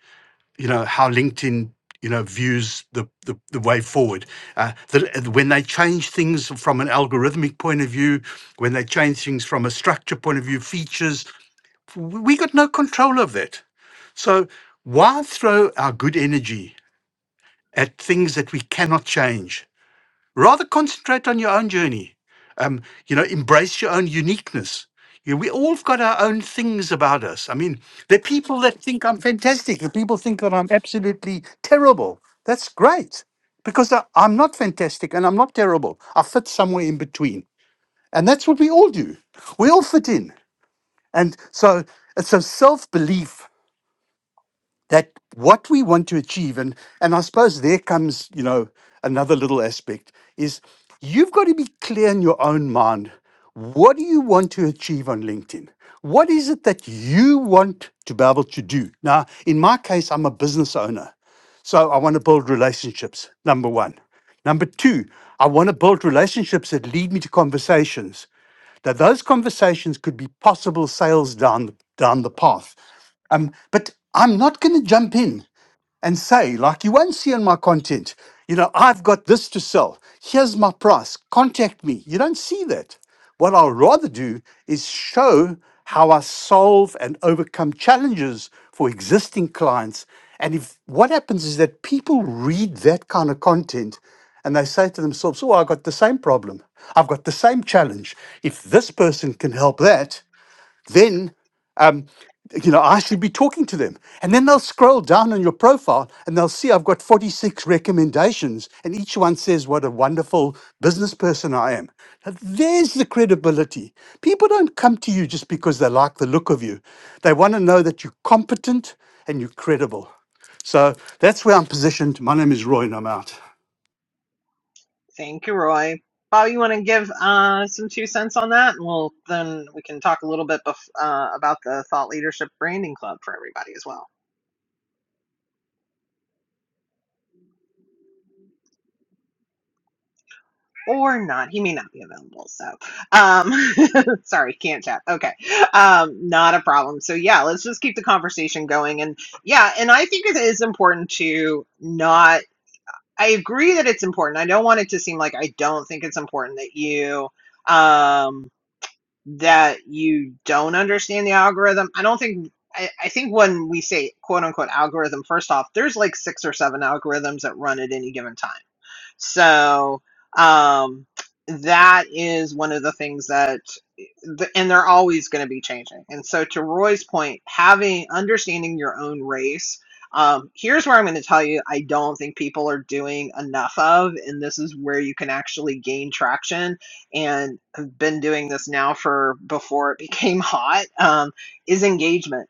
Speaker 2: you know, how LinkedIn, you know, views the the, the way forward. Uh, the, when they change things from an algorithmic point of view, when they change things from a structure point of view, features, w- we got no control of that. So why throw our good energy at things that we cannot change? rather concentrate on your own journey. Um, you know, embrace your own uniqueness. You we all have got our own things about us. I mean, there are people that think I'm fantastic. The people think that I'm absolutely terrible. That's great because I, I'm not fantastic and I'm not terrible. I fit somewhere in between. And that's what we all do. We all fit in. And so it's a self belief that what we want to achieve and and i suppose there comes you know another little aspect is you've got to be clear in your own mind what do you want to achieve on linkedin what is it that you want to be able to do now in my case i'm a business owner so i want to build relationships number one number two i want to build relationships that lead me to conversations that those conversations could be possible sales down down the path. Um, but I'm not going to jump in and say, like you won't see on my content, you know, I've got this to sell. Here's my price. Contact me. You don't see that. What I'll rather do is show how I solve and overcome challenges for existing clients. And if what happens is that people read that kind of content and they say to themselves, Oh, I've got the same problem. I've got the same challenge. If this person can help that, then, um, you know, I should be talking to them. And then they'll scroll down on your profile and they'll see I've got 46 recommendations, and each one says what a wonderful business person I am. Now, there's the credibility. People don't come to you just because they like the look of you, they want to know that you're competent and you're credible. So that's where I'm positioned. My name is Roy, and I'm out.
Speaker 1: *laughs* Thank you, Roy. Bobby, you want to give uh, some two cents on that, and we'll then we can talk a little bit bef- uh, about the thought leadership branding club for everybody as well. or not. He may not be available. So, um, *laughs* sorry, can't chat. Okay. Um, not a problem. So, yeah, let's just keep the conversation going. And yeah, and I think it is important to not, I agree that it's important. I don't want it to seem like I don't think it's important that you, um, that you don't understand the algorithm. I don't think. I, I think when we say quote unquote algorithm, first off, there's like six or seven algorithms that run at any given time so um, that is one of the things that, and they're always going to be changing. And so, to Roy's point, having understanding your own race. Um, here's where I'm going to tell you I don't think people are doing enough of, and this is where you can actually gain traction. And I've been doing this now for before it *laughs* became hot um, is engagement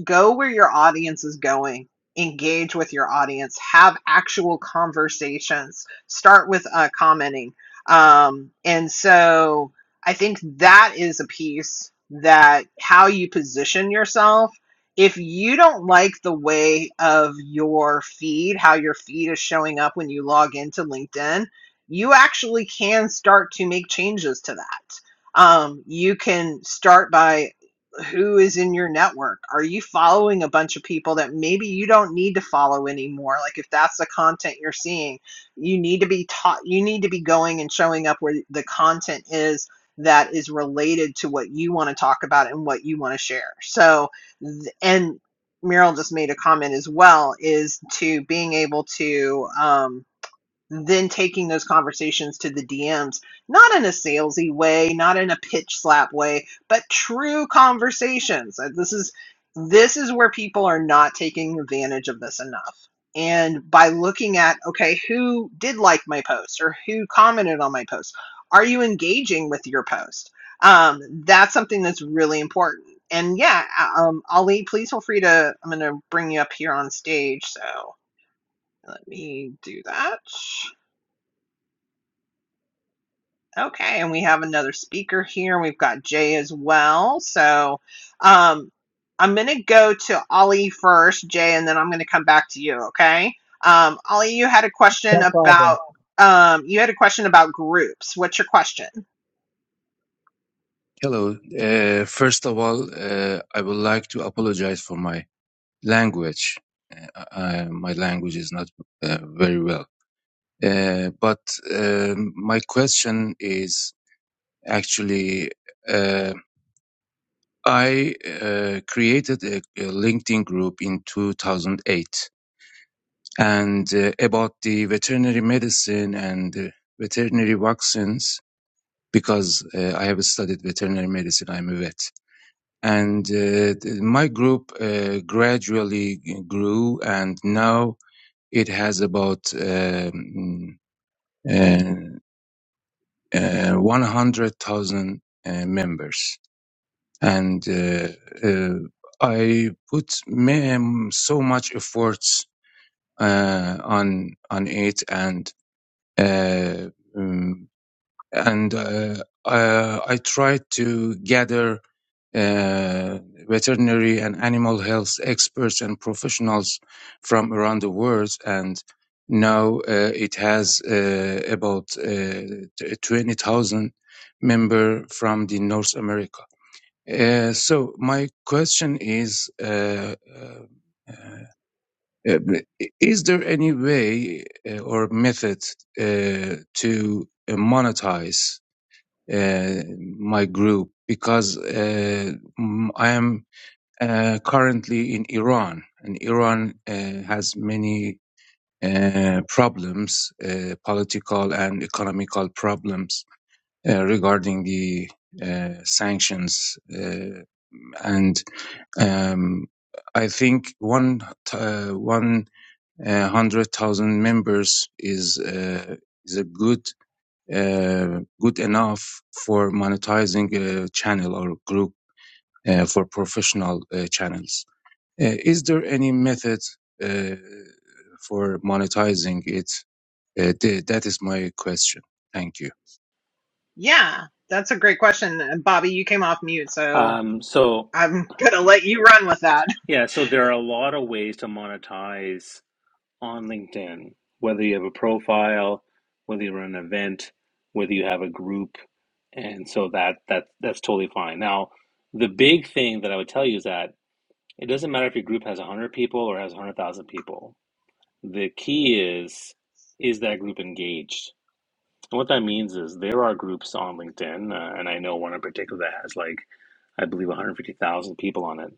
Speaker 1: go where your audience is going engage with your audience have actual conversations start with uh, commenting um, and so i think that is a piece that how you position yourself if you don't like the way of your feed how your feed is showing up when you log into linkedin you actually can start to make changes to that um, you can start by who is in your network? Are you following a bunch of people that maybe you don't need to follow anymore? Like if that's the content you're seeing, you need to be taught you need to be going and showing up where the content is that is related to what you want to talk about and what you want to share. So and Meryl just made a comment as well is to being able to um, then taking those conversations to the DMs, not in a salesy way, not in a pitch slap way, but true conversations. Uh, This is this is where people are not taking advantage of this enough. And by looking at, okay, who did like my post or who commented on my post? Are you engaging with your post? Um, that's something that's really important. And yeah, uh, um, Ali, please feel free to. I'm going to bring you up here on stage. So let me do that. Okay, and we have another speaker here. We've got Jay as well. So um, I'm going to go to Ollie first, Jay, and then I'm going to come back to you. Okay. Um, Ollie, you had a question
Speaker 5: No problem.
Speaker 1: about um, you had a question about groups. What's your question?
Speaker 6: Hello. Uh, first of all, uh, I would like to apologize for my language. Uh, I, my language is not uh, very well. Uh, but um, my question is actually, uh, I uh, created a, a LinkedIn group in 2008 and uh, about the veterinary medicine and uh, veterinary vaccines because uh, I have studied veterinary medicine. I'm a vet and uh, th- my group uh, gradually g- grew and now it has about um, uh, uh, 100,000 uh, members and uh, uh, I put ma- um, so much efforts uh, on on it and uh, um, and uh, uh, I tried to gather uh, veterinary and animal health experts and professionals from around the world. And now uh, it has uh, about uh, 20,000 member from the North America. Uh, so my question is, uh, uh, is there any way uh, or method uh, to uh, monetize uh, my group? Because uh, m- I am uh, currently in Iran, and Iran uh, has many uh, problems, uh, political and economical problems uh, regarding the uh, sanctions, uh, and um, I think one uh, one uh, hundred thousand members is uh, is a good uh, good enough for monetizing a channel or group uh, for professional uh, channels. Uh, is there any method uh, for monetizing it? Uh, th- that is my question. Thank you.
Speaker 1: Yeah, that's a great question. And Bobby, you came off mute, so
Speaker 3: Um, so,
Speaker 1: I'm going to let you run with that. *laughs*
Speaker 3: yeah, so there are a lot of ways to monetize on LinkedIn, whether you have a profile, whether you run an event, whether you have a group, and so that that that's totally fine. Now, the big thing that I would tell you is that it doesn't matter if your group has 100 people or has 100,000 people. The key is is that group engaged? And what that means is there are groups on LinkedIn, uh, and I know one in particular that has like, I believe, 150,000 people on it.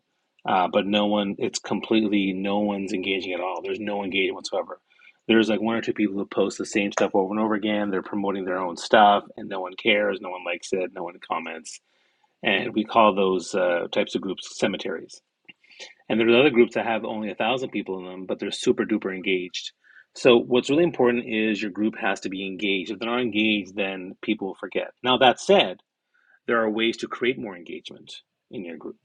Speaker 3: Uh, but no one, it's completely, no one's engaging at all. There's no engagement whatsoever. There's like one or two people who post the same stuff over and over again. They're promoting their own stuff, and no one cares, no one likes it, no one comments. And we call those uh, types of groups cemeteries and there's other groups that have only a thousand people in them, but they're super duper engaged. So what's really important is your group has to be engaged. If they're not engaged, then people forget. Now that said, there are ways to create more engagement in your group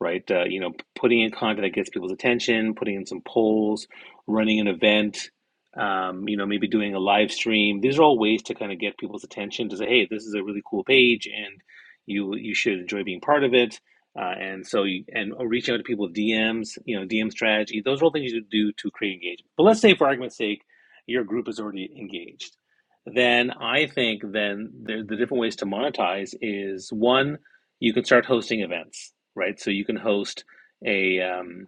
Speaker 3: right uh, you know putting in content that gets people's attention putting in some polls running an event um, you know maybe doing a live stream these are all ways to kind of get people's attention to say hey this is a really cool page and you you should enjoy being part of it uh, and so you, and uh, reaching out to people with dms you know dm strategy those are all things you do to create engagement but let's say for argument's sake your group is already engaged then I think then the, the different ways to monetize is one, you can start hosting events, right? So you can host a um,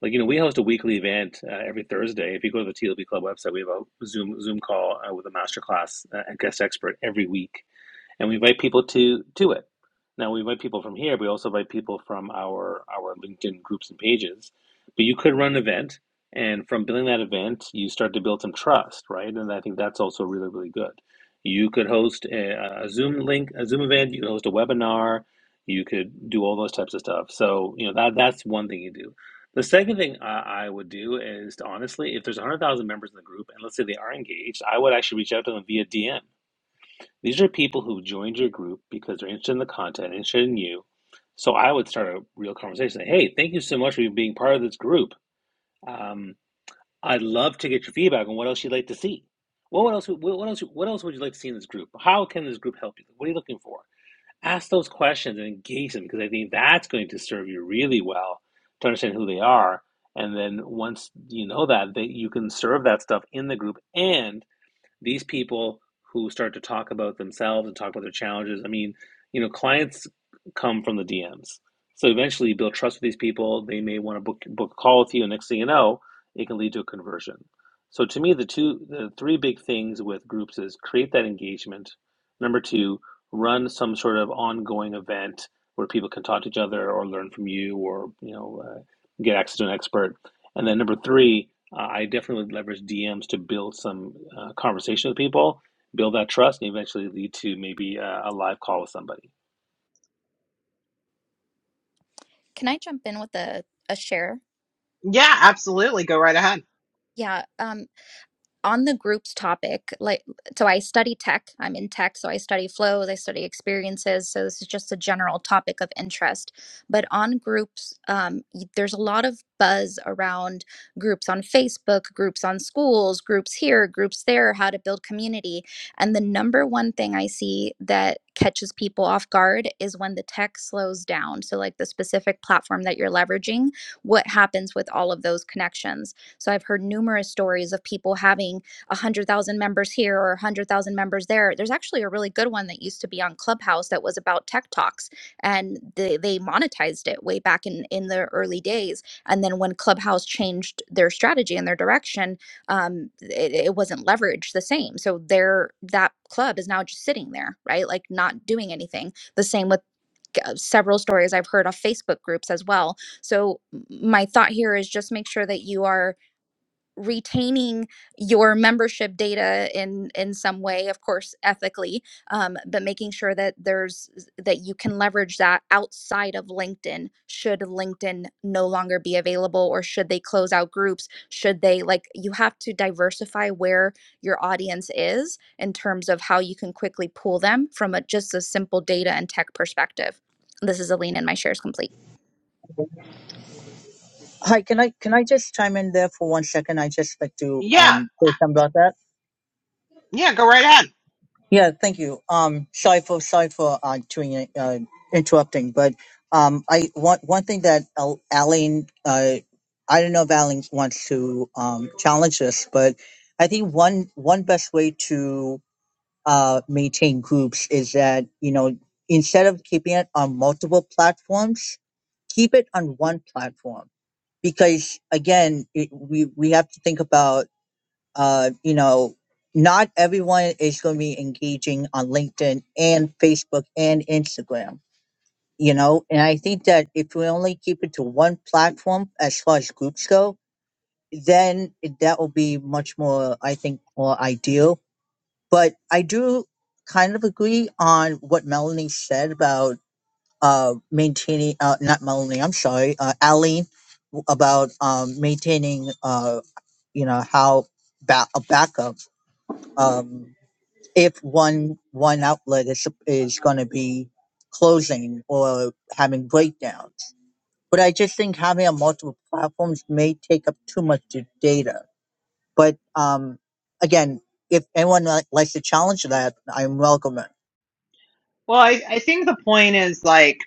Speaker 3: like you know we host a weekly event uh, every Thursday. If you go to the TLB Club website, we have a Zoom Zoom call uh, with a masterclass uh, and guest expert every week and we invite people to to it. Now we invite people from here. but We also invite people from our our LinkedIn groups and pages. But you could run an event, and from building that event, you start to build some trust, right? And I think that's also really really good. You could host a, a Zoom link, a Zoom event. You could host a webinar. You could do all those types of stuff. So you know that that's one thing you do. The second thing I, I would do is to honestly, if there's 100,000 members in the group, and let's say they are engaged, I would actually reach out to them via DM these are people who joined your group because they're interested in the content, interested in you. So I would start a real conversation. hey, thank you so much for being part of this group. Um, I'd love to get your feedback on what else you'd like to see. What, what else? what else? What else would you like to see in this group? How can this group help you? What are you looking for? Ask those questions and engage them because I think that's going to serve you really well to understand who they are. And then once you know that, that you can serve that stuff in the group, and these people who start to talk about themselves and talk about their challenges. I mean, you know, clients come from the DMs. So eventually you build trust with these people. They may want to book book a call with you, and next thing you know, it can lead to a conversion. So to me, the two the three big things with groups is create that engagement. Number two, run some sort of ongoing event where people can talk to each other or learn from you or you know uh, get access to an expert and then number three, uh, I definitely would leverage DMs to build some uh, conversation with people, build that trust, and eventually lead to maybe uh, a live call with somebody.
Speaker 4: Can I jump in with a, a share?
Speaker 1: Yeah, absolutely. Go right ahead.
Speaker 4: Yeah. Um, on the group's topic, like, so I study tech. I'm in tech, so I study flows, I study experiences. So this is just a general topic of interest. But on groups, um, there's a lot of buzz around groups on Facebook, groups on schools, groups here, groups there, how to build community. And the number one thing I see that catches people off guard is when the tech slows down. So, like the specific platform that you're leveraging, what happens with all of those connections? So I've heard numerous stories of people having 100,000 members here or 100,000 members there. There's actually a really good one that used to be on Clubhouse that was about tech talks and they, they monetized it way back in, in the early days. And then when Clubhouse changed their strategy and their direction, um, it, it wasn't leveraged the same. So their that club is now just sitting there, right? Like not doing anything. The same with uh, several stories I've heard of Facebook groups as well. So m- my thought here is just make sure that you are retaining your membership data in in some way of course ethically um, but making sure that there's that you can leverage that outside of linkedin should linkedin no longer be available or should they close out groups should they like you have to diversify where your audience is in terms of how you can quickly pull them from a just a simple data and tech perspective this is aline and my share is complete
Speaker 5: Hi, can I can I just chime in there for one second? I just like to
Speaker 1: Yeah,
Speaker 5: um say something about that.
Speaker 1: yeah, go right ahead.
Speaker 5: Yeah, thank you. Um, sorry for sorry for uh, doing it, uh interrupting, but um, I one one thing that Al- Aline, uh, I don't know if Aline wants to um challenge this, but I think one one best way to uh maintain groups is that you know instead of keeping it on multiple platforms, keep it on one platform because again it, we we have to think about uh you know not everyone is going to be engaging on linkedin and facebook and instagram you know and i think that if we only keep it to one platform as far as groups go then it- that will be much more i think more ideal but i do kind of agree on what melanie said about uh maintaining uh not melanie i'm sorry uh aline w- about um maintaining uh, you know how ba- a backup um, if one one outlet is is going to be closing or having breakdowns. But I just think having a multiple platforms may take up too much d- data. But um, again, if anyone li- likes to challenge that, I'm welcome. it.
Speaker 1: Well, I, I think the point is like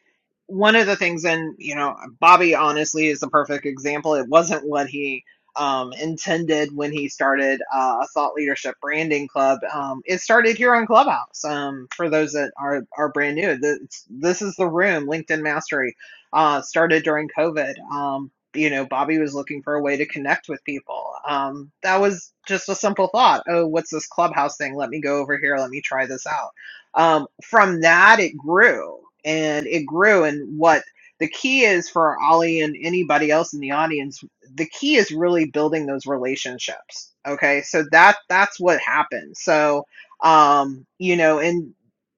Speaker 1: one of the things, and you know, Bobby honestly is the perfect example. It wasn't what he um, intended when he started uh, a thought leadership branding club. Um, it started here on Clubhouse. Um, for those that are are brand new, this, this is the room. LinkedIn Mastery uh, started during COVID. Um, you know, Bobby was looking for a way to connect with people. Um, that was just a simple thought. Oh, what's this clubhouse thing? Let me go over here. Let me try this out um, from that it grew and it grew and what the key is for ollie and anybody else in the audience the key is really building those relationships okay so that that's what happened so um you know and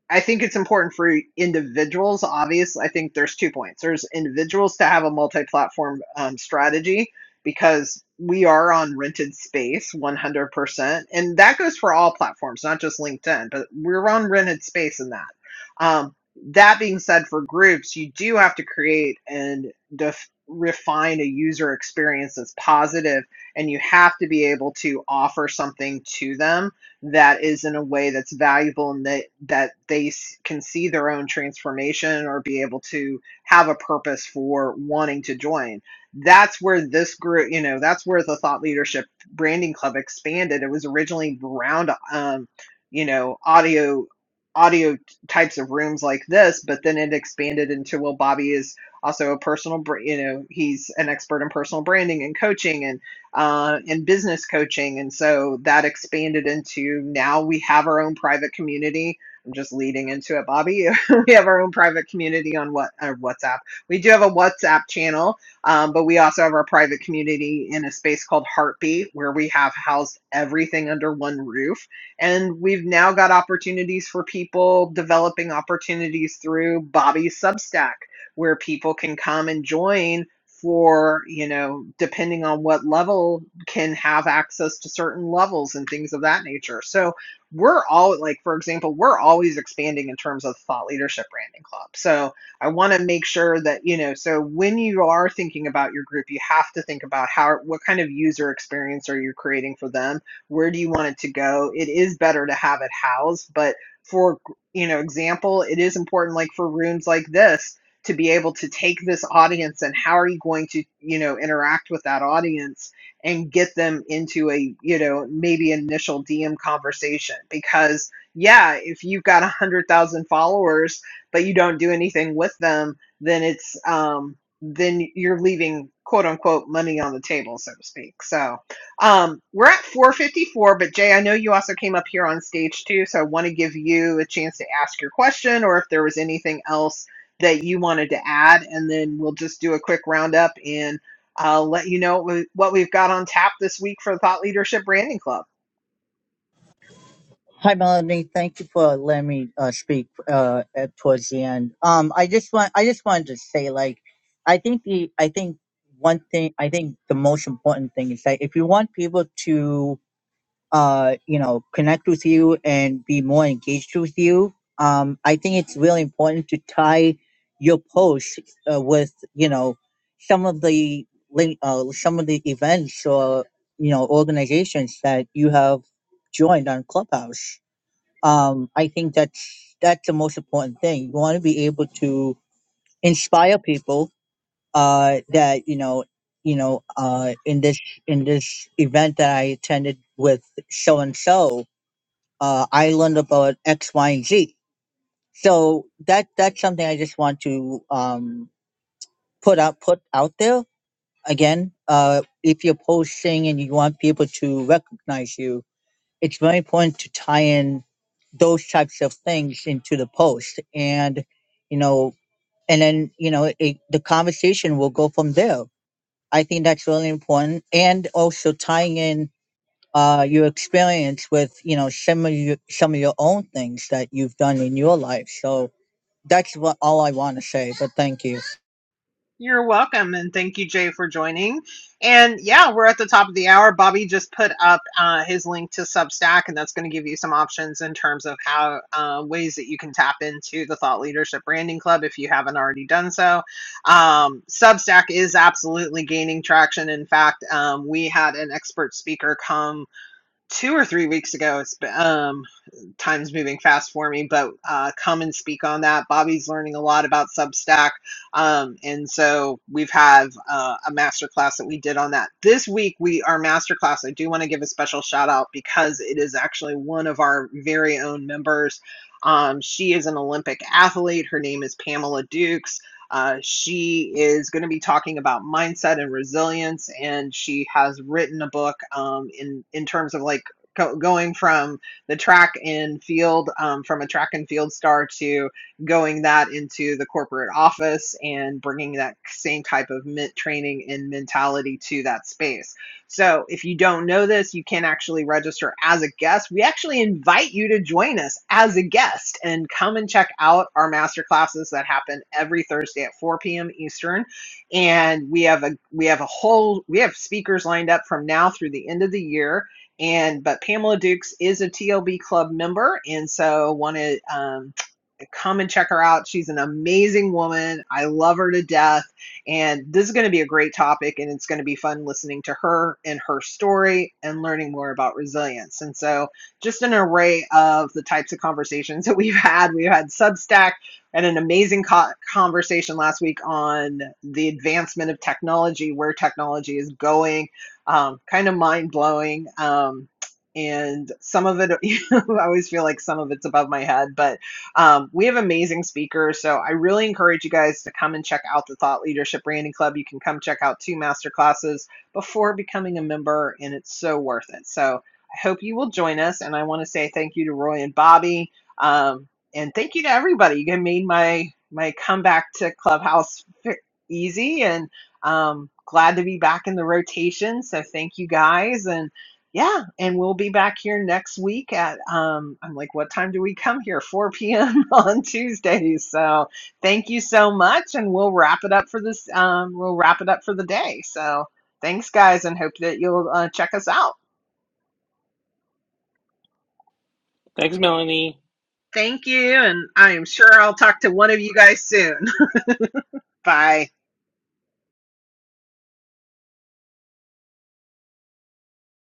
Speaker 1: i think it's important for individuals obviously i think there's two points there's individuals to have a multi-platform um, strategy because we are on rented space 100% content, and that goes for all platforms, not just LinkedIn, but we're on rented space in that. Um, that being said, for groups, you do have to create and def- refine a user experience that's positive, and you have to be able to offer something to them that is in a way that's valuable and that, that they s- can see their own transformation or be able to have a purpose for wanting to join that's where this group you know that's where the thought leadership branding club expanded. It was originally around, um, you know, audio audio types of rooms like this, but then it expanded into well, Bobby is also a personal, br- you know, he's an expert in personal branding and coaching and uh, and business coaching, and so that expanded into now we have our own private community. I'm just leading into it, Bobby. *laughs* we have our own private community on what uh, WhatsApp. We do have a WhatsApp channel um, but we also have our private community in a space called Heartbeat, where we have housed everything under one roof. And we've now got opportunities for people developing opportunities through Bobby's Substack, where people can come and join for, you know, depending on what level, can have access to certain levels and things of that nature. So we're all, like, for example, we're always expanding in terms of thought leadership branding club. So, I want to make sure that, you know, so when you are thinking about your group, you have to think about how, what kind of user experience are you creating for them? Where do you want it to go? It is better to have it housed, but for, you know, example, it is important, like for rooms like this, to be able to take this audience and how are you going to, you know, interact with that audience and get them into a, you know, maybe initial DM conversation because yeah, if you've got a hundred thousand followers but you don't do anything with them, then it's um, then you're leaving quote unquote money on the table, so to speak. So um, we're at 454, but Jay, I know you also came up here on stage too, so I want to give you a chance to ask your question or if there was anything else that you wanted to add, and then we'll just do a quick roundup and I'll let you know what we- what we've got on tap this week for the Thought Leadership Branding Club.
Speaker 5: Hi, Melanie. Thank you for letting me uh, speak uh, at, towards the end. Um, I just want I just wanted to say, like, I think the I think one thing I think the most important thing is that if you want people to uh, you know connect with you and be more engaged with you, um, I think it's really important to tie your post uh, with you know some of the link uh, some of the events or you know organizations that you have joined on Clubhouse um, I think that's that's the most important thing. You want to be able to inspire people uh, that you know, you know, uh, in this in this event that I attended with so and so, uh, I learned about X, Y, and Z. So that that's something I just want to um, put out put out there again. Uh, if you're posting and you want people to recognize you, it's very important to tie in those types of things into the post and you know and then you know it, the conversation will go from there i think that's really important and also tying in uh, your experience with you know some of your some of your own things that you've done in your life so that's what all i want to say but thank you
Speaker 1: You're welcome, and thank you, Jay, for joining. And yeah, we're at the top of the hour. Bobby just put up uh, his link to Substack, and that's going to give you some options in terms of how uh, ways that you can tap into the Thought Leadership Branding Club if you haven't already done so. Um, Substack is absolutely gaining traction. In fact, um, we had an expert speaker come two or three weeks ago. It's been, um, time's moving fast for me, but uh, come and speak on that. Bobby's learning a lot about Substack. Um, and so we've had uh, a masterclass that we did on that. This week, we our masterclass, I do want to give a special shout out because it is actually one of our very own members. Um, she is an Olympic athlete. Her name is Pamela Dukes. Uh, she is going to be talking about mindset and resilience, and she has written a book um, in in terms of like go- going from the track and field um, from a track and field star to going that into the corporate office and bringing that same type of training and mentality to that space. So if you don't know this, you can actually register as a guest. We actually invite you to join us as a guest and come and check out our master classes that happen every Thursday at 4 p.m. Eastern. And we have a we have a whole we have speakers lined up from now through the end of the year and but Pamela Dukes is a TLB Club member, and so want to um, come and check her out. She's an amazing woman. I love her to death. And this is going to be a great topic, and it's going to be fun listening to her and her story and learning more about resilience. And so, just an array of the types of conversations *laughs* that we've had. We've had Substack and an amazing co- conversation last week on the advancement of technology, where technology is going, um, kind of mind blowing. Um, and some of it, *laughs* I always feel like some of it's above my head, but um, we have amazing speakers, so I really encourage you guys to come and check out the Thought Leadership Branding Club. You can come check out two master classes before becoming a member, and it's so worth it. So I hope you will join us, and I want to say thank you to Roy and Bobby, um, and thank you to everybody. You made my my comeback to Clubhouse easy, and um, glad to be back in the rotation. So thank you guys, and yeah, and we'll be back here next week at um I'm like what time do we come here? 4 *laughs* p.m. on Tuesdays. So, thank you so much and we'll wrap it up for this um we'll wrap it up for the day. So, thanks guys and hope that you'll uh, check us out.
Speaker 3: Thanks, Melanie.
Speaker 1: Thank you and I am sure I'll talk to one of you guys soon. *laughs* Bye.